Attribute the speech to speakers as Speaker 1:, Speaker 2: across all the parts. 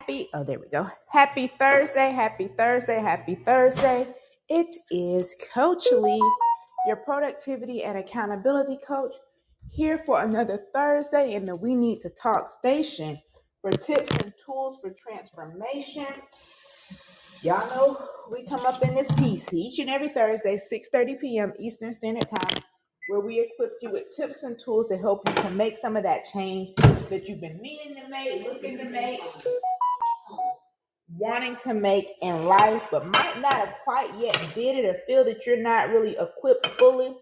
Speaker 1: happy oh there we go happy thursday happy thursday happy thursday it is coach lee your productivity and accountability coach here for another thursday in the we need to talk station for tips and tools for transformation y'all know we come up in this piece each and every thursday 6.30 p.m eastern standard time where we equip you with tips and tools to help you to make some of that change that you've been meaning to make looking to make wanting to make in life, but might not have quite yet did it or feel that you're not really equipped fully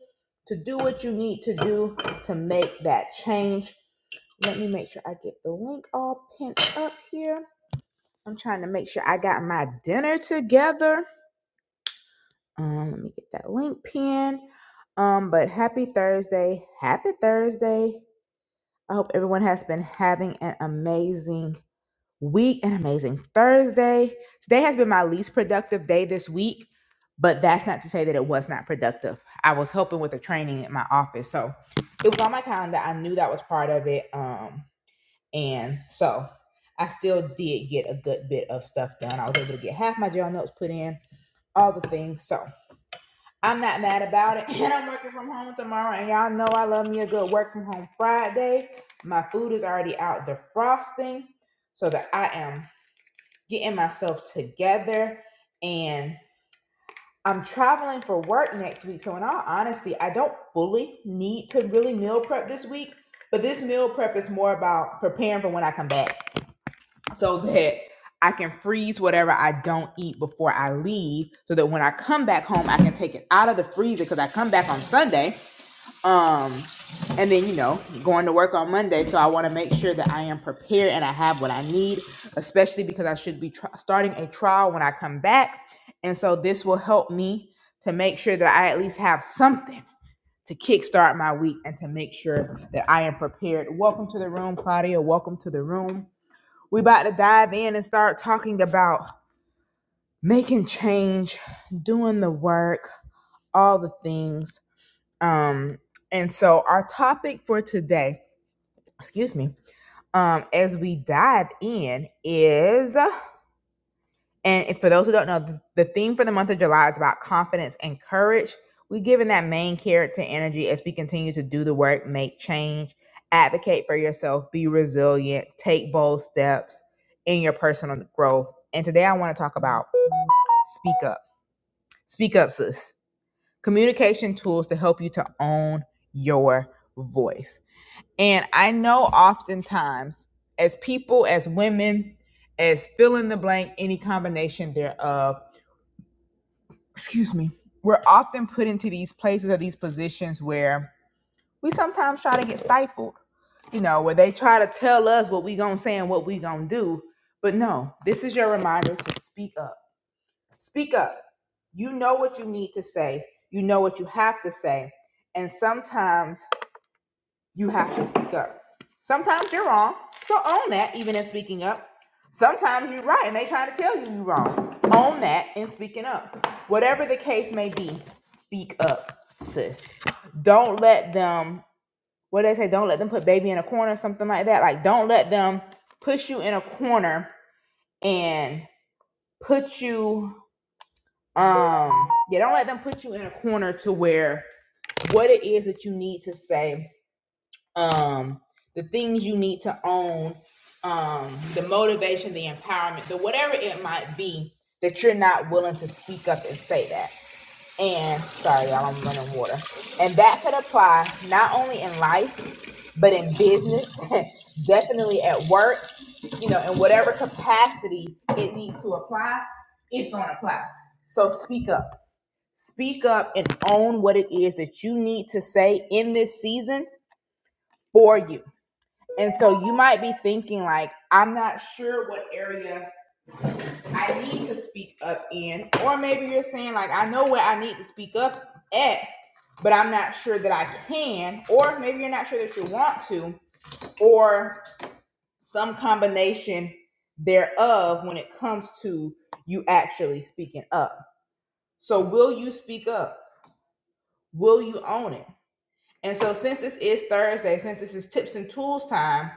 Speaker 1: to do what you need to do to make that change. Let me make sure I get the link all pinned up here. I'm trying to make sure I got my dinner together. Um, let me get that link pinned. Um, but happy Thursday. Happy Thursday. I hope everyone has been having an amazing week and amazing Thursday. Today has been my least productive day this week, but that's not to say that it was not productive. I was helping with a training at my office, so it was on my calendar. I knew that was part of it, um, and so I still did get a good bit of stuff done. I was able to get half my journal notes put in, all the things. So I'm not mad about it, and I'm working from home tomorrow. And y'all know I love me a good work from home Friday. My food is already out defrosting so that I am getting myself together and I'm traveling for work next week. So in all honesty, I don't fully need to really meal prep this week, but this meal prep is more about preparing for when I come back so that I can freeze whatever I don't eat before I leave so that when I come back home I can take it out of the freezer cuz I come back on Sunday um, and then you know, going to work on Monday, so I want to make sure that I am prepared and I have what I need, especially because I should be tr- starting a trial when I come back, and so this will help me to make sure that I at least have something to kickstart my week and to make sure that I am prepared. Welcome to the room, Claudia. Welcome to the room. We about to dive in and start talking about making change, doing the work, all the things. Um, and so our topic for today, excuse me, um, as we dive in is, and for those who don't know, the, theme for the month of July is about confidence and courage. We given that main character energy as we continue to do the work, make change, advocate for yourself, be resilient, take bold steps in your personal growth. And today I want to talk about speak up. Speak up, sis. Communication tools to help you to own your voice. And I know oftentimes, as people, as women, as fill in the blank, any combination thereof, excuse me, we're often put into these places or these positions where we sometimes try to get stifled, you know, where they try to tell us what we gonna say and what we gonna do. But no, this is your reminder to speak up. Speak up. You know what you need to say, you know what you have to say. And sometimes you have to speak up. Sometimes you're wrong, so own that even in speaking up. Sometimes you're right and they try to tell you you're wrong. Own that in speaking up. Whatever the case may be, speak up, sis. Don't let them, what do they say, don't let them put baby in a corner or something like that. Like, don't let them push you in a corner and put you, um, yeah, don't let them put you in a corner to where what it is that you need to say um, the things you need to own, um, the motivation, the empowerment, the whatever it might be that you're not willing to speak up and say that. And sorry, y'all, I'm running water. And that could apply not only in life, but in business, definitely at work, you know, in whatever capacity it needs to apply, it's going to apply. So speak up. Speak up and own what it is that you need to say in this season for you and so you might be thinking, like, I'm not sure what area I need to speak up in. Or maybe you're saying, like, I know where I need to speak up at, but I'm not sure that I can. Or maybe you're not sure that you want to, or some combination thereof when it comes to you actually speaking up. So, will you speak up? Will you own it? And so, since this is Thursday, since this is tips and tools time,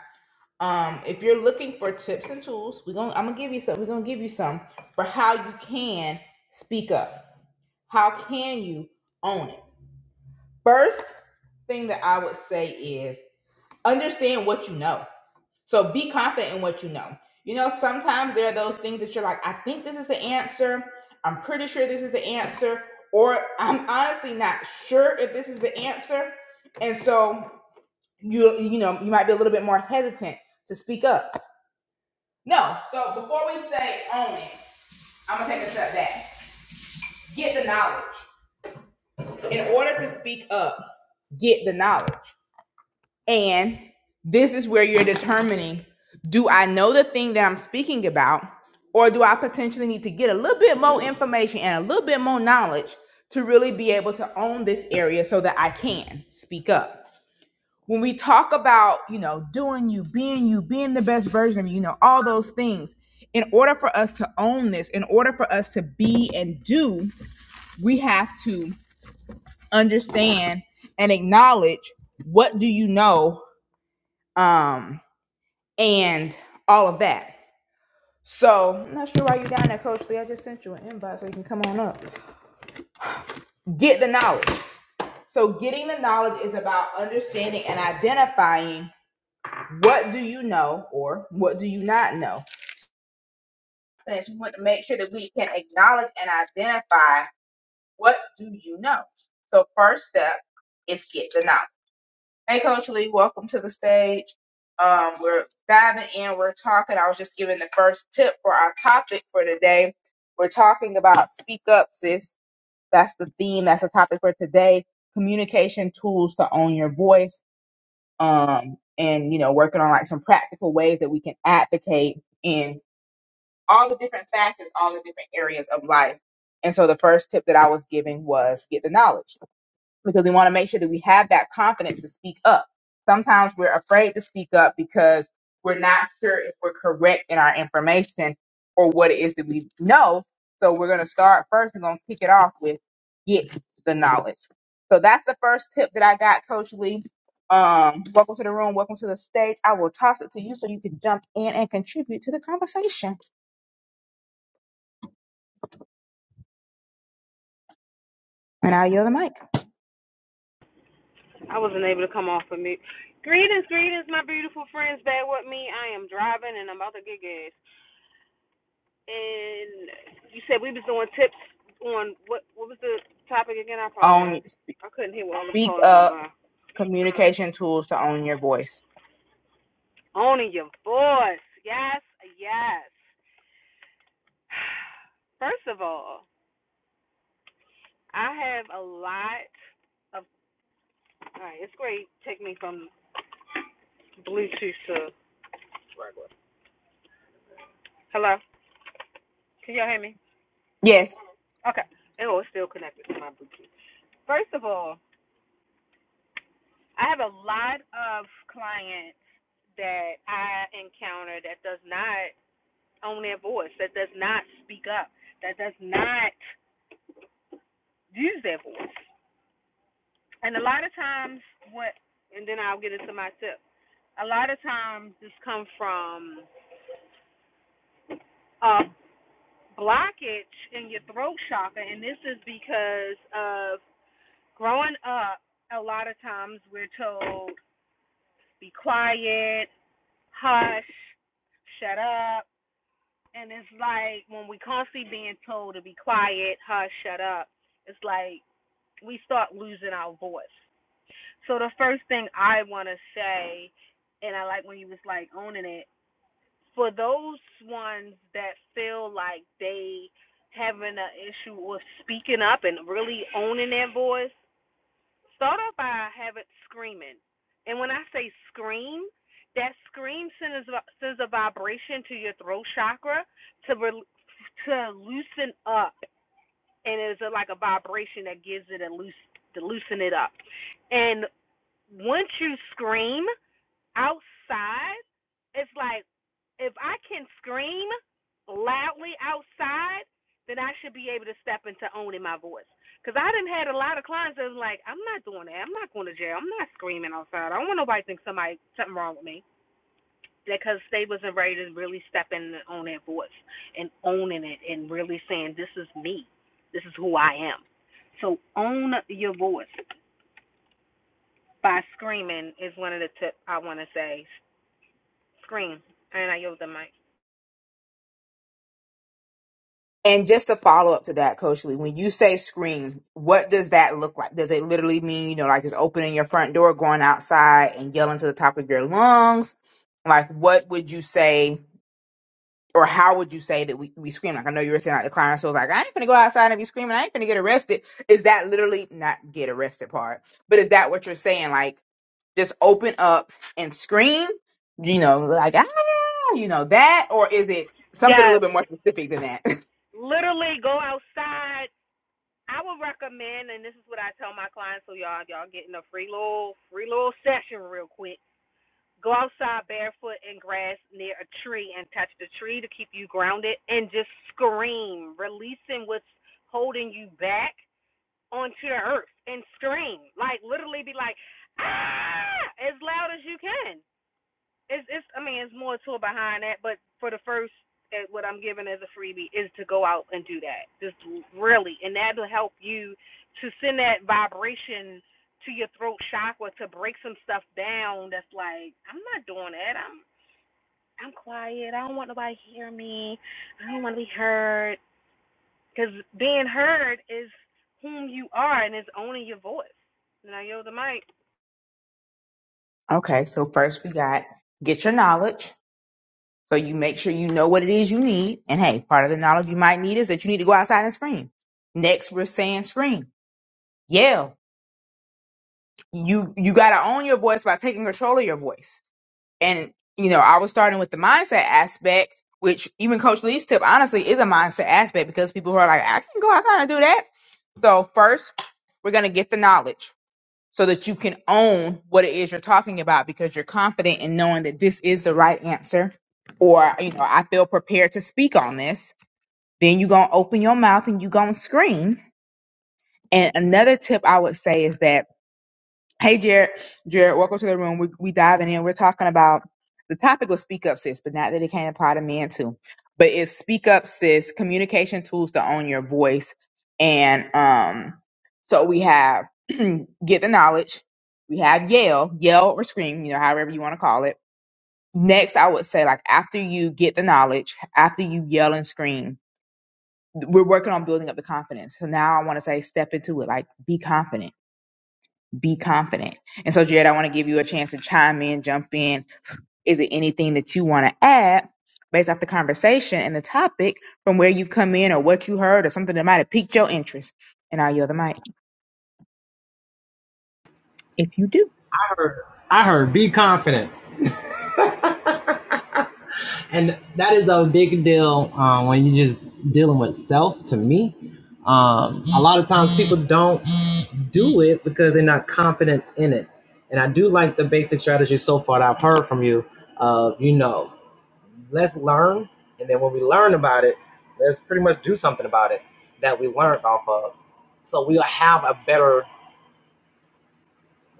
Speaker 1: Um, if you're looking for tips and tools, we're gonna I'm gonna give you some. We're gonna give you some for how you can speak up. How can you own it? First thing that I would say is understand what you know. So be confident in what you know. You know, sometimes there are those things that you're like, I think this is the answer. I'm pretty sure this is the answer, or I'm honestly not sure if this is the answer. And so you you know you might be a little bit more hesitant to speak up. No. So before we say own it, I'm gonna take a step back. Get the knowledge. In order to speak up, get the knowledge. And this is where you're determining do I know the thing that I'm speaking about, or do I potentially need to get a little bit more information and a little bit more knowledge to really be able to own this area so that I can speak up? when we talk about you know doing you being you being the best version of you you know all those things in order for us to own this in order for us to be and do we have to understand and acknowledge what do you know um and all of that so i'm not sure why you're down there coach lee i just sent you an invite so you can come on up get the knowledge so getting the knowledge is about understanding and identifying what do you know or what do you not know things. We want to make sure that we can acknowledge and identify what do you know. So first step is get the knowledge. Hey, Coach Lee, welcome to the stage. Um, we're diving in. We're talking. I was just giving the first tip for our topic for today. We're talking about speak up, sis. That's the theme. That's the topic for today. Communication tools to own your voice. Um, and you know, working on like some practical ways that we can advocate and all the different facets, all the different areas of life. And so the first tip that I was giving was get the knowledge because we want to make sure that we have that confidence to speak up. Sometimes we're afraid to speak up because we're not sure if we're correct in our information or what it is that we know. So we're going to start first. We're going to kick it off with get the knowledge. So that's the first tip that I got, Coach Lee. Um, welcome to the room. Welcome to the stage. I will toss it to you so you can jump in and contribute to the conversation. And I'll yield the mic.
Speaker 2: I wasn't able to come off of mute. Greetings, greetings, my beautiful friends back with me. I am driving and I'm about to get gas. And you said we was doing tips on what what was the topic again? I apologize.
Speaker 1: Own
Speaker 2: I couldn't hear what all the
Speaker 1: speak
Speaker 2: calls going
Speaker 1: up
Speaker 2: by.
Speaker 1: communication tools to own your voice.
Speaker 2: Owning your voice. Yes, yes. First of all, I have a lot of all right, it's great. Take me from Bluetooth to Hello. Can y'all hear me?
Speaker 1: Yes.
Speaker 2: Okay. Oh, it's still connected to my Bluetooth. First of all, I have a lot of clients that I encounter that does not own their voice, that does not speak up, that does not use their voice. And a lot of times what and then I'll get into my tip. A lot of times this comes from a blockage in your throat chakra and this is because of growing up a lot of times we're told be quiet, hush, shut up And it's like when we constantly being told to be quiet, hush, shut up, it's like we start losing our voice. So the first thing I want to say, and I like when you was like owning it, for those ones that feel like they having an issue with speaking up and really owning their voice, Start off by having screaming. And when I say scream, that scream sends, sends a vibration to your throat chakra to re- to loosen up, and it's a, like a vibration that gives it a loose to loosen it up. And once you scream, outside, it's like if I can scream loudly outside, then I should be able to step into owning my voice. Cause I didn't had a lot of clients that was like, I'm not doing that. I'm not going to jail. I'm not screaming outside. I don't want nobody to think somebody something wrong with me. Because they wasn't ready to really step in and own their voice and owning it and really saying, This is me. This is who I am. So own your voice by screaming is one of the tips I want to say. Scream. And I yelled the mic.
Speaker 1: And just a follow up to that, Coach Lee, when you say scream, what does that look like? Does it literally mean, you know, like just opening your front door, going outside and yelling to the top of your lungs? Like, what would you say or how would you say that we, we scream? Like, I know you were saying like the client, so like, I ain't gonna go outside and be screaming. I ain't gonna get arrested. Is that literally not get arrested part, but is that what you're saying? Like, just open up and scream? You know, like ah, you know that, or is it something a little
Speaker 2: Yes.
Speaker 1: bit more specific than that?
Speaker 2: Literally go outside. I would recommend, and this is what I tell my clients, so y'all y'all getting a free little free little session real quick. Go outside barefoot in grass near a tree and touch the tree to keep you grounded and just scream, releasing what's holding you back onto the earth and scream. Like literally be like, ah as loud as you can. it's it's I mean it's more to it behind that, but for the first eh, what I'm giving as a freebie is to go out and do that. Just really and that'll help you to send that vibration to your throat chakra to break some stuff down that's like, I'm not doing that. I'm I'm quiet. I don't want nobody to hear me. I don't want to be heard. Because being heard is whom you are and it's owning your voice. Now, yo, the mic.
Speaker 1: okay, so first we got get your knowledge. So you make sure you know what it is you need, and hey, part of the knowledge you might need is that you need to go outside and scream. Next, we're saying scream, yell. You you gotta own your voice by taking control of your voice and you know i was starting with the mindset aspect which even coach lee's tip honestly is a mindset aspect because people who are like i can go outside and do that so first we're going to get the knowledge so that you can own what it is you're talking about because you're confident in knowing that this is the right answer or you know i feel prepared to speak on this then you're going to open your mouth and you're going to scream and another tip i would say is that Hey, Jared. Jared, welcome to the room. We we diving in. We're talking about the topic was speak up, sis, but not that it can't apply to men too. But it's speak up, sis, communication tools to own your voice. And um, so we have get the knowledge. We have yell, yell or scream, you know, however you want to call it. Next, I would say like after you get the knowledge, after you yell and scream, we're working on building up the confidence. So now I want to say step into it, like be confident be confident. And so, Jared, I want to give you a chance to chime in, jump in. Is it anything that you want to add based off the conversation and the topic from where you've come in or what you heard or something that might have piqued your interest? And I'll yield the mic. If you do.
Speaker 3: heard. I heard. Be confident, and that is a big deal um, when you're just dealing with self. To me, um, a lot of times people don't do it because they're not confident in it. And I do like the basic strategy so far that I've heard from you. Of you know, let's learn, and then when we learn about it, let's pretty much do something about it that we learned off of, so we'll have a better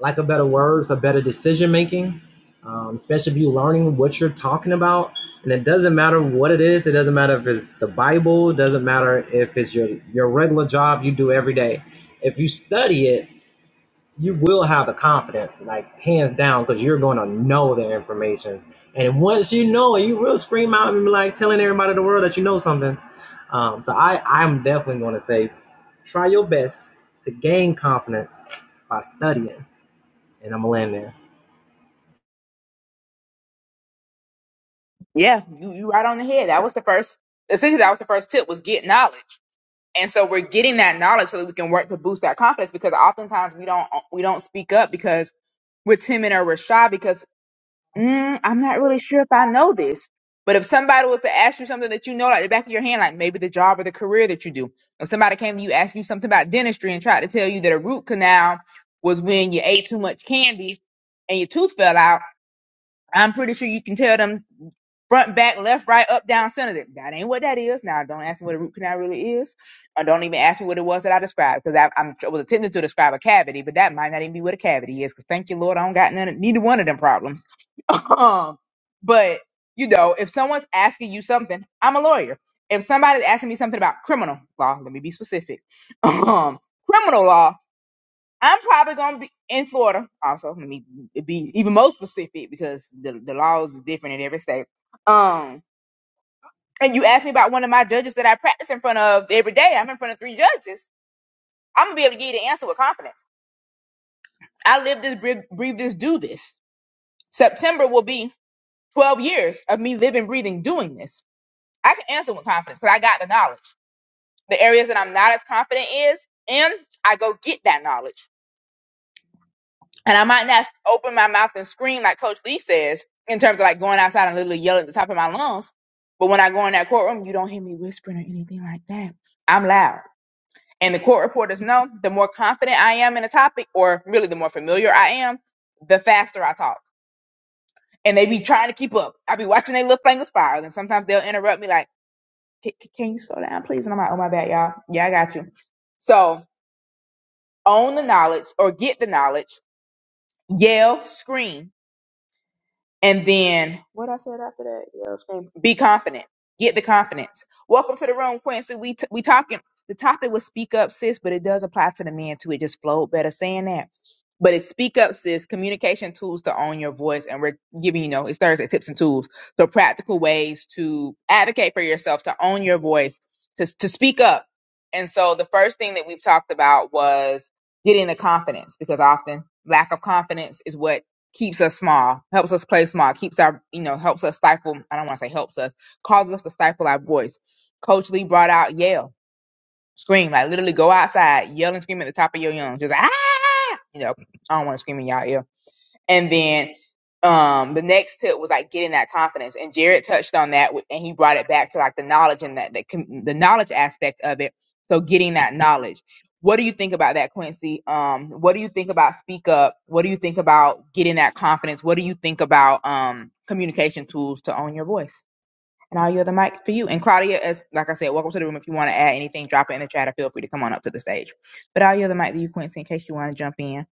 Speaker 3: lack of better words or better decision making, um, especially if you're learning what you're talking about. And it doesn't matter what it is. It doesn't matter if it's the Bible. It doesn't matter if it's your your regular job you do every day. If you study it, you will have the confidence, like hands down, because you're going to know the information. And once you know it, you will scream out and be like telling everybody in the world that you know something. Um, so I, I'm definitely going to say, try your best to gain confidence by studying and I'm gonna land there.
Speaker 1: Yeah, you, you right on the head. That was the first, essentially, that was the first tip was get knowledge. And so we're getting that knowledge so that we can work to boost that confidence because oftentimes we don't, we don't speak up because we're timid or we're shy because mm, I'm not really sure if I know this. But if somebody was to ask you something that you know, like the back of your hand, like maybe the job or the career that you do, if somebody came to you asking you something about dentistry and tried to tell you that a root canal was when you ate too much candy and your tooth fell out, I'm pretty sure you can tell them front, back, left, right, up, down, center. That ain't what that is. Now, don't ask me what a root canal really is, or don't even ask me what it was that I described, because I I'm, I was attempting to describe a cavity, but that might not even be what a cavity is. Because thank you, Lord, I don't got none, of- neither one of them problems. um, but you know, if someone's asking you something, I'm a lawyer. If somebody's asking me something about criminal law, let me be specific. Um, criminal law. I'm probably gonna be in Florida. Also, let me be even more specific because the the laws is different in every state. Um, and you asked me about one of my judges that I practice in front of every day. I'm in front of three judges. I'm gonna be able to give you the answer with confidence. I live this, breathe, breathe this, do this. September will be 12 years of me living, breathing, doing this. I can answer with confidence because I got the knowledge. The areas that I'm not as confident is in, I go get that knowledge And I might not open my mouth and scream like Coach Lee says, in terms of like going outside and literally yelling at the top of my lungs. But when I go in that courtroom, you don't hear me whispering or anything like that. I'm loud. And the court reporters know the more confident I am in a topic, or really the more familiar I am, the faster I talk. And they be trying to keep up. I be watching their little fingers fire. And sometimes they'll interrupt me like, "Can can- can you slow down, please? And I'm like, oh, my bad, y'all. Yeah, I got you. So own the knowledge or get the knowledge. Yell, scream And then what I said after that, yeah, it's fam- be confident. Get the confidence. Welcome to the room, Quincy. We t- we talking. The topic was speak up, sis, but it does apply to the men too. It just flowed better saying that. But it's speak up, sis. Communication tools to own your voice, and we're giving you know it's Thursday tips and tools, so practical ways to advocate for yourself, to own your voice, to to speak up. And so the first thing that we've talked about was getting the confidence, because often lack of confidence is what keeps us small, helps us play small, keeps our, you know, helps us stifle. I don't want to say helps us, causes us to stifle our voice. Coach Lee brought out yell, scream, like literally go outside, yell and scream at the top of your lungs, just ah, you know, I don't want to scream in y'all ear and then um, the next tip was like getting that confidence. And Jared touched on that with- and he brought it back to like the knowledge and that the, com- the knowledge aspect of it. So getting that knowledge. What do you think about that, Quincy? Um, what do you think about speak up? What do you think about getting that confidence? What do you think about um, communication tools to own your voice? And I'll yield the mic for you. And Claudia, as like I said, welcome to the room. If you want to add anything, drop it in the chat or feel free to come on up to the stage. But I'll yield the mic to you, Quincy, in case you want to jump in.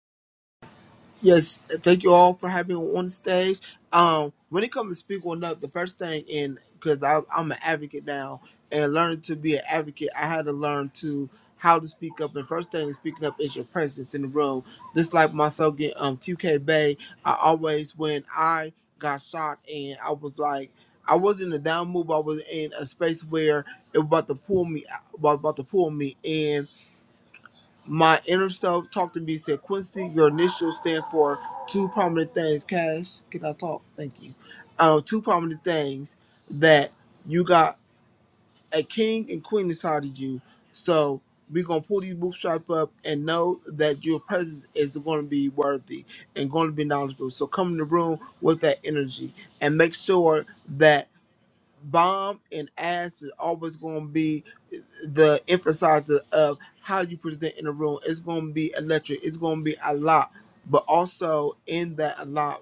Speaker 4: Yes, thank you all for having me on stage. Um, when it comes to speaking up, the first thing in because I'm an advocate now and learning to be an advocate, I had to learn to how to speak up. And first thing is speaking up is your presence in the room. Just like myself getting um QK Bay, I always when I got shot and I was like. I wasn't in a down move. I was in a space where it was about to pull me, uh, was about to pull me in my inner self talked to me said, Quincy, your initials stand for two prominent things. Cash, can I talk? Thank you. Uh, two prominent things that you got a king and queen inside of you. So we're gonna pull these bootstraps up and know that your presence is gonna be worthy and gonna be knowledgeable. So come in the room with that energy and make sure that bomb and ass is always gonna be the emphasizer of how you present in the room. It's going to be electric. It's going to be a lot, but also in that a lot,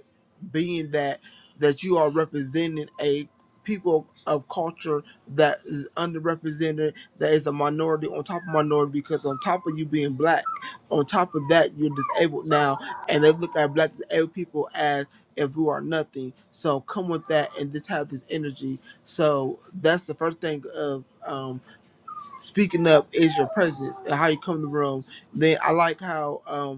Speaker 4: being that that you are representing a people of culture that is underrepresented, that is a minority on top of minority, because on top of you being black, on top of that you're disabled now, and they look at black disabled people as if we are nothing. So come with that and just have this energy. So that's the first thing of. Um, speaking up is your presence and how you come in the room. Then I like how um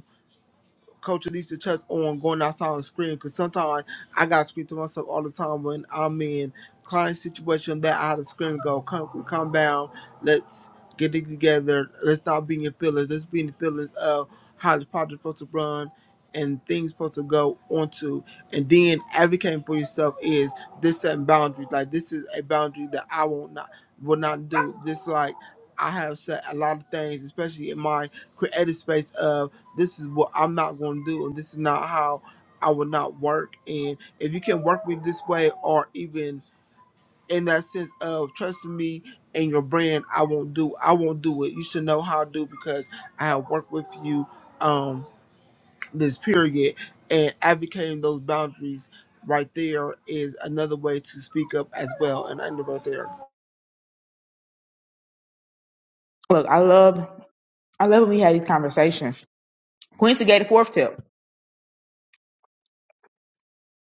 Speaker 4: Coach Alicia touch on going outside on the screen because sometimes I got to scream to myself all the time when I'm in client situation that I had to scream and go, come, come down, let's get it together, let's not be in your feelings, let's be in the feelings of how the project's supposed to run and things supposed to go onto. And then advocating for yourself is this setting boundaries. Like this is a boundary that I will not will not do. This like I have set a lot of things, especially in my creative space of this is what I'm not going to do, and this is not how I will not work. And if you can work me this way, or even in that sense of trusting me and your brand, I won't do. I won't do it. You should know how to do because I have worked with you um, this period and advocating those boundaries. Right there is another way to speak up as well, and I end it right there.
Speaker 1: Look, I love I love when we had these conversations. Quincy gave a fourth tip.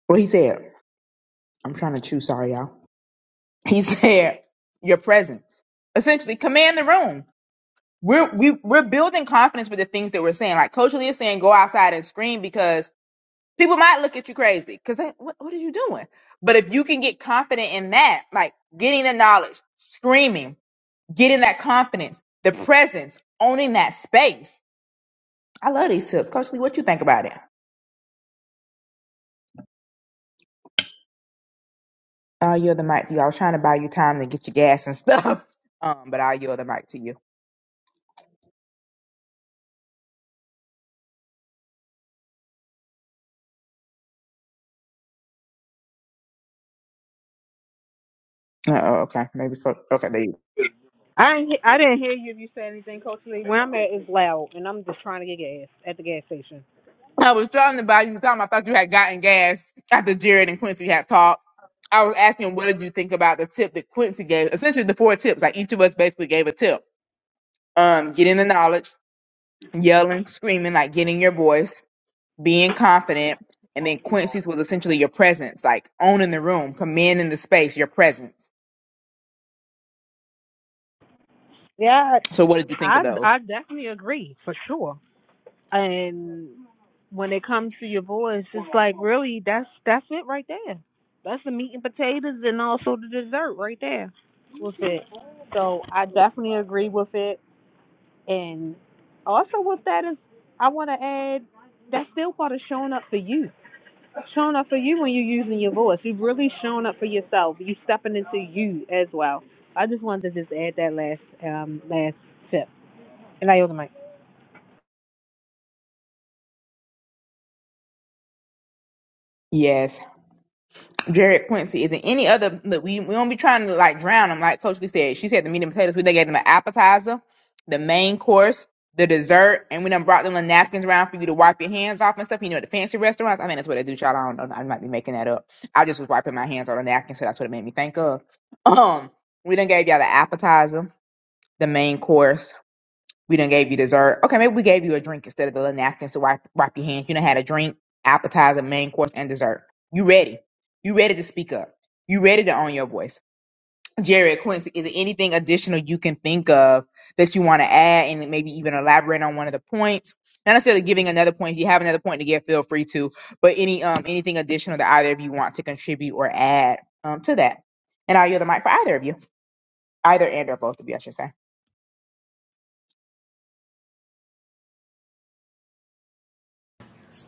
Speaker 1: Well, he said, I'm trying to chew, sorry, y'all. He said, your presence. Essentially, command the room. We're, we, we're building confidence with the things that we're saying. Like Coach Lee is saying, go outside and scream because people might look at you crazy because what, what are you doing? But if you can get confident in that, like getting the knowledge, screaming, getting that confidence, the presence, owning that space. I love these tips. Coach Lee, what you think about it? I'll yield the mic to you. I was trying to buy you time to get your gas and stuff. Um, but I'll yield the mic to you. Uh, oh, okay. Maybe for, okay, there you
Speaker 2: I ain't, he- I didn't hear you if you said anything, Coach Lee. Where I'm at is loud, and I'm just trying to get gas at the gas station.
Speaker 1: go. I was trying to buy you time. I thought you had gotten gas after Jared and Quincy had talked. I was asking him, what did you think about the tip that Quincy gave? Essentially the four tips. Like each of us basically gave a tip. Um, getting the knowledge, yelling, screaming, like getting your voice, being confident. And then Quincy's was essentially your presence, like owning the room, commanding the space, your presence.
Speaker 2: Yeah,
Speaker 1: So what did you think of
Speaker 2: I
Speaker 1: those?
Speaker 2: I definitely agree for sure. And when it comes to your voice, it's like really that's that's it right there. That's the meat and potatoes, and also the dessert right there with it. So I definitely agree with it, and also with that is I want to add that's still part of showing up for you showing up for you when you're using your voice. You've really shown up for yourself. You are stepping into you as well. I just wanted to just add that last um last tip. And I owe the mic.
Speaker 1: Yes. Jared Quincy. Is there any other? Look, we we won't be trying to like drown them. Like Coach Lee said, she said the meat and potatoes. We done gave them an appetizer, the main course, the dessert, and we done brought them the napkins around for you to wipe your hands off and stuff. You know, at the fancy restaurants. I mean, that's what they do, y'all. I don't know. I might be making that up. I just was wiping my hands on a napkin, so that's what it made me think of. Um, we done gave y'all the appetizer, the main course. We done gave you dessert. Okay, maybe we gave you a drink instead of the little napkins to wipe, wipe your hands. You done had a drink, appetizer, main course, and dessert. You ready. You ready to speak up. You ready to own your voice. Jared Quincy, is there anything additional you can think of that you want to add and maybe even elaborate on one of the points? Not necessarily giving another point. If you have another point to give, feel free to. But any um anything additional that either of you want to contribute or add um to that. And I'll yield the mic for either of you. Either and or both of you, I should say.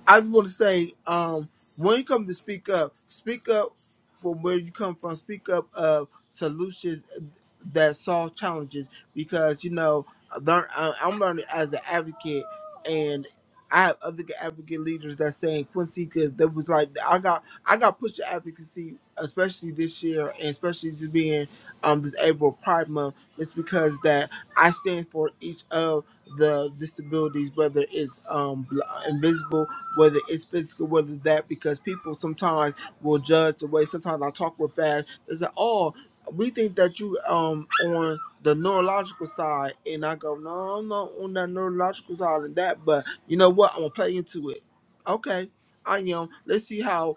Speaker 4: I just want to say, um, when you come to speak up, speak up from where you come from. Speak up of solutions that solve challenges because you know learn, I- I'm learning as an advocate, and I have other advocate leaders that saying Quincy because that was like I got I got pushed to advocacy, especially this year, and especially just being um this April Pride Month. It's because that I stand for each of the disabilities, whether it's um bl- invisible whether it's physical, whether that, because people sometimes will judge the way sometimes I talk real fast. They say, oh, we think that you um on the neurological side, and I go, no, I'm not on that neurological side of that, but you know what? I'm gonna play into it. Okay, I am. Let's see how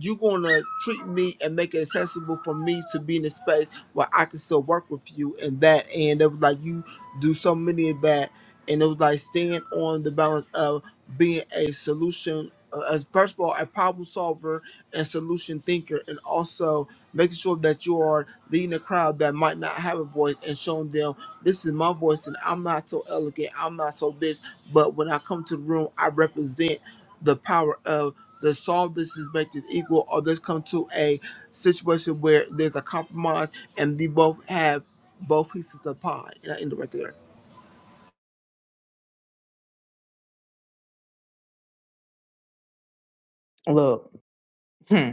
Speaker 4: you're gonna treat me and make it accessible for me to be in a space where I can still work with you and that and it was like you do so many of that and it was like staying on the balance of being a solution uh, as first of all a problem solver and solution thinker and also making sure that you are leading a crowd that might not have a voice and showing them this is my voice, and I'm not so elegant. I'm not so this. But when I come to the room, I represent the power of the solve this is make this equal, or let come to a situation where there's a compromise, and we both have both pieces of pie. And I end it right there.
Speaker 1: Look. Hmm.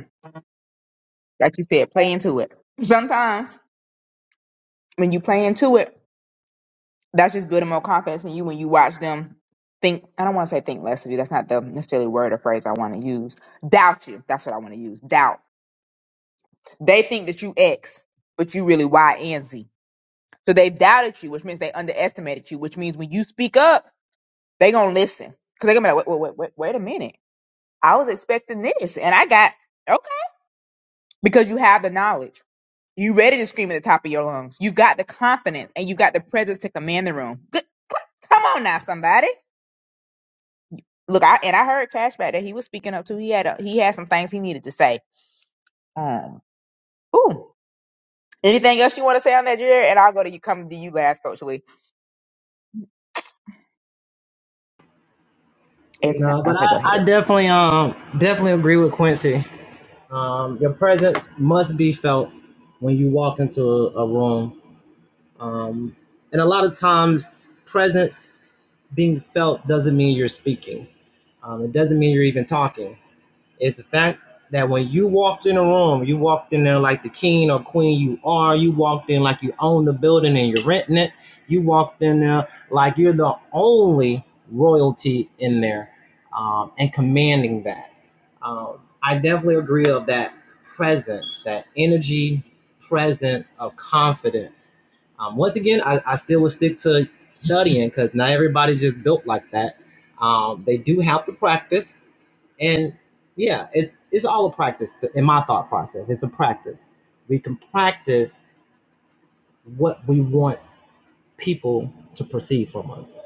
Speaker 1: Like you said, play into it. Sometimes when you play into it, that's just building more confidence in you when you watch them think I don't want to say think less of you. That's not the necessarily word or phrase I want to use. Doubt you. That's what I want to use. Doubt. They think that you X, but you really Y and Z. So they doubted you, which means they underestimated you, which means when you speak up, they gonna listen. Cause they gonna be like, wait, wait, wait, wait, wait a minute. I was expecting this and I got okay. Because you have the knowledge. You ready to scream at the top of your lungs. You got the confidence and you got the presence to command the room. Good. Come on now, somebody. Look, I and I heard Cashback that he was speaking up too. He had a, he had some things he needed to say. Um, ooh. Anything else you want to say on that, Jared? And I'll go to you. Come to you last, Coach Lee. If not,
Speaker 3: No, but
Speaker 1: okay,
Speaker 3: I,
Speaker 1: go
Speaker 3: I
Speaker 1: ahead.
Speaker 3: definitely um definitely agree with Quincy. Um, your presence must be felt when you walk into a, a room. Um, and a lot of times, presence being felt doesn't mean you're speaking. Um, it doesn't mean you're even talking. It's the fact that when you walked in a room, you walked in there like the king or queen you are. You walked in like you own the building and you're renting it. You walked in there like you're the only royalty in there um, and commanding that. Um, I definitely agree of that presence, that energy, presence of confidence. Um, once again, I, I still would stick to studying because not everybody just built like that. Um, they do have to practice and yeah it's it's all a practice to, in my thought process it's a practice we can practice what we want people to perceive from us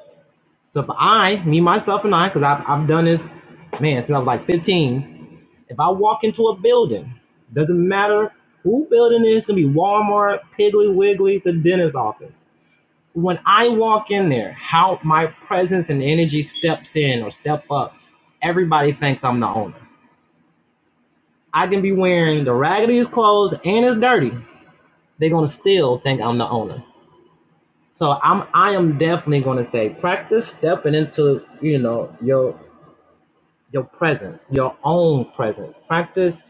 Speaker 3: so if i me myself and i because I've, I've done this man since i was like 15 if i walk into a building doesn't matter who building it is gonna be walmart piggly wiggly the dentist office when i walk in there how my presence and energy steps in or step up everybody thinks i'm the owner I can be wearing the raggediest clothes and it's dirty. They're gonna still think I'm the owner. So I'm I am definitely gonna say practice stepping into you know your your presence, your own presence. Practice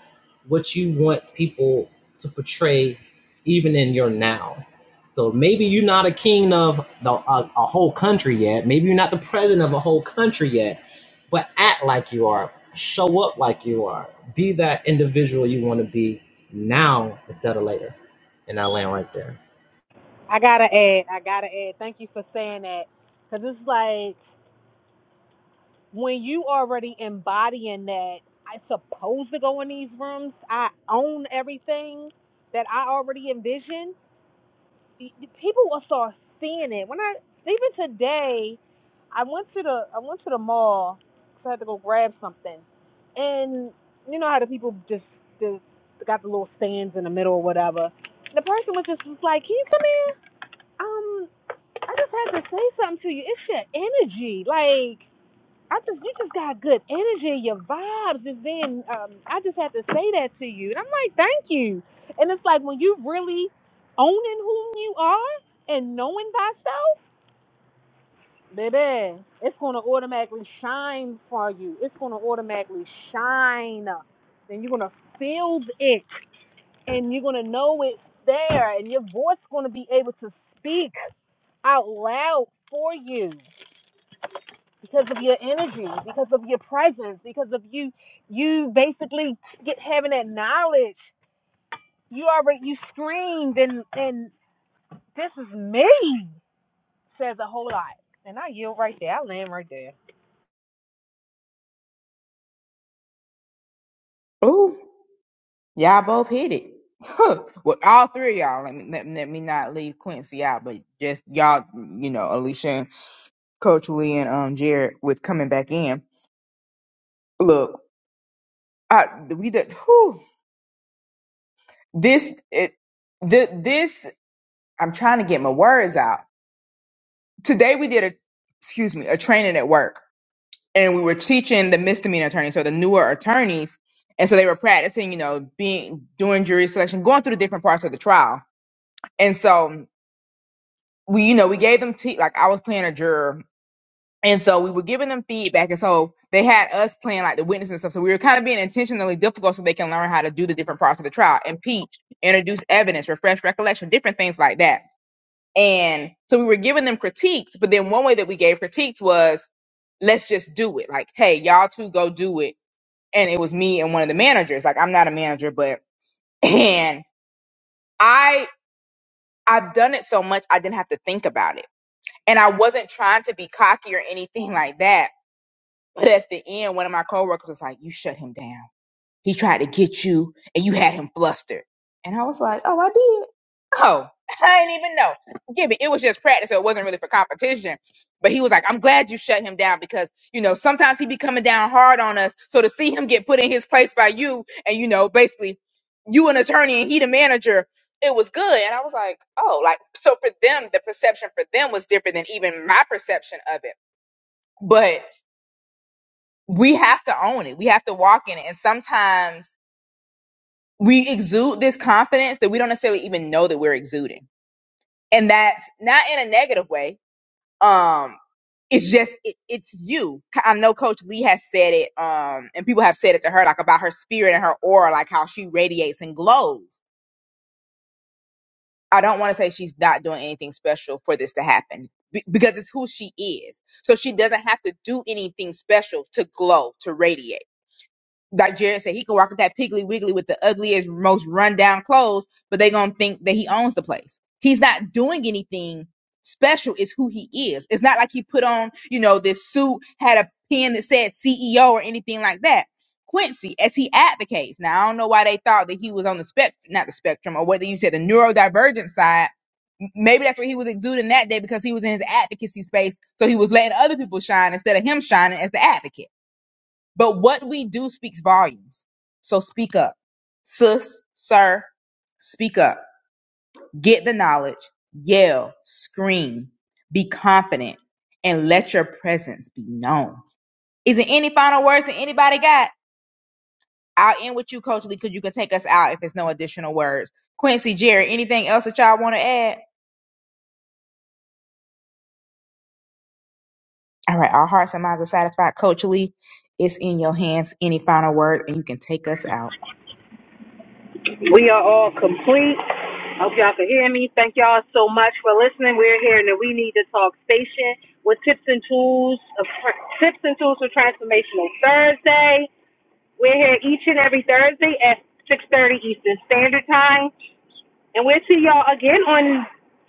Speaker 3: what you want people to portray, even in your now. So maybe you're not a king of the, a, a whole country yet. Maybe you're not the president of a whole country yet, but act like you are. Show up like you are. Be that individual you want to be now instead of later. And I land right there.
Speaker 2: I gotta add. I gotta add. Thank you for saying that because it's like when you already embodying that. I supposed to go in these rooms. I own everything that I already envisioned. people will start seeing it. When I even today, I went to the I went to the mall 'cause I had to go grab something, and you know how the people just, just got the little stands in the middle or whatever. The person was just was like, "Can you come? Um, I just had to say something to you. It's your energy, like." I just you just got good energy. Your vibes is being. Um, I just had to say that to you, and I'm like, thank you. And it's like when you really owning who you are and knowing thyself, baby, it's gonna automatically shine for you. It's gonna automatically shine, and you're gonna feel it, and you're gonna know it's there, and your voice gonna be able to speak out loud for you. because of your energy, because of your presence, because of you you basically get having that knowledge. You already you screamed and and this is me says a whole lot. And I yield right there. I land right there.
Speaker 1: Ooh, y'all both hit it. Huh. Well, all three of y'all. Let me let, let me not leave Quincy out, but just y'all, you know, Alicia, and Coach Lee, and um Jared with coming back in. Look, I we did. Whew. This it the this I'm trying to get my words out. Today we did a excuse me, a training at work and we were teaching the misdemeanor attorneys, so the newer attorneys. And so they were practicing, you know, being doing jury selection, going through the different parts of the trial. And so we, you know, we gave them te- like I was playing a juror. And so we were giving them feedback. And so they had us playing like the witness and stuff. So we were kind of being intentionally difficult so they can learn how to do the different parts of the trial, impeach, introduce evidence, refresh recollection, different things like that. And so we were giving them critiques, but then one way that we gave critiques was, let's just do it. Like, hey, y'all two go do it. And it was me and one of the managers. Like, I'm not a manager, but, and I, I've done it so much, I didn't have to think about it. And I wasn't trying to be cocky or anything like that. But at the end, one of my coworkers was like, you shut him down. He tried to get you and you had him flustered. And I was like, oh, I did. Oh, I didn't even know. Give it. It was just practice. So it wasn't really for competition. But he was like, I'm glad you shut him down because, you know, sometimes he be coming down hard on us. So to see him get put in his place by you and, you know, basically you an attorney and he the manager, it was good. And I was like, oh, like, so for them, the perception for them was different than even my perception of it. But we have to own it. We have to walk in it. And sometimes we exude this confidence that we don't necessarily even know that we're exuding and that's not in a negative way um it's just it, it's you i know coach lee has said it um and people have said it to her like about her spirit and her aura like how she radiates and glows i don't want to say she's not doing anything special for this to happen be- because it's who she is so she doesn't have to do anything special to glow to radiate like Jared said, he can walk with that piggly wiggly with the ugliest, most rundown clothes, but they gonna think that he owns the place. He's not doing anything special. It's who he is. It's not like he put on, you know, this suit, had a pen that said CEO or anything like that. Quincy, as he advocates, now I don't know why they thought that he was on the spectrum, not the spectrum, or whether you said the neurodivergent side. M- Maybe that's what he was exuding that day because he was in his advocacy space. So he was letting other people shine instead of him shining as the advocate but what we do speaks volumes. So speak up. Sis, sir, speak up. Get the knowledge, yell, scream, be confident, and let your presence be known. Is there any final words that anybody got? I'll end with you, Coach Lee, because you can take us out if there's no additional words. Quincy, Jerry, anything else that y'all want to add? All right, our hearts and minds are satisfied. Coach Lee, it's in your hands. Any final words, and you can take us out.
Speaker 2: We are all complete. I Hope y'all can hear me. Thank y'all so much for listening. We're here in the We Need to Talk station with tips and tools, of, tips and tools for transformational Thursday. We're here each and every Thursday at 6:30 Eastern Standard Time. And we'll see y'all again on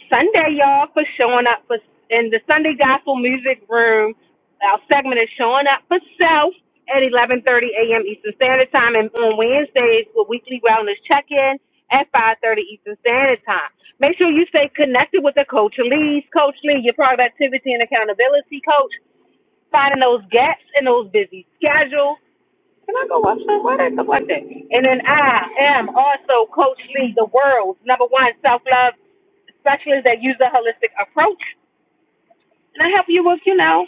Speaker 2: Sunday, y'all, for showing up for in the Sunday Gospel Music Room. Our segment is showing up for self at 11:30 a.m. Eastern Standard Time, and on Wednesdays with weekly wellness check-in at 5:30 Eastern Standard Time. Make sure you stay connected with the Coach Lee's Coach Lee, your productivity and accountability coach, finding those gaps in those busy schedules can I go watch that? Why they look like that? And then I am also Coach Lee, the world's number one self love specialist that uses a holistic approach. And I help you with, you know,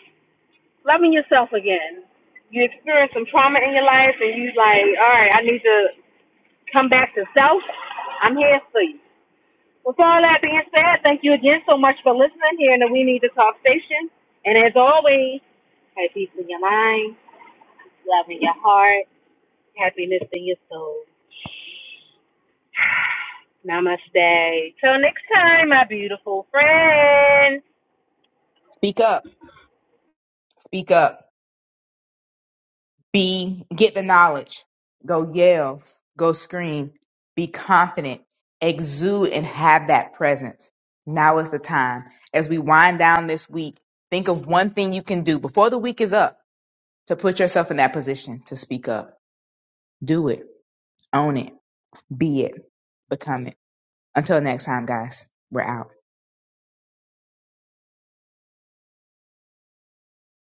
Speaker 2: loving yourself again. You experience some trauma in your life and you like, all right, I need to come back to self. I'm here for you. With all that being said, thank you again so much for listening here in the We Need to Talk station. And as always, have peace in your mind, love in your heart, happiness in your soul. Namaste. Till next time, my beautiful friends.
Speaker 1: Speak up. Speak up. Be get the knowledge. Go yell. Go scream. Be confident. Exude and have that presence. Now is the time. As we wind down this week, think of one thing you can do before the week is up to put yourself in that position to speak up. Do it. Own it. Be it. Become it. Until next time, guys, we're out.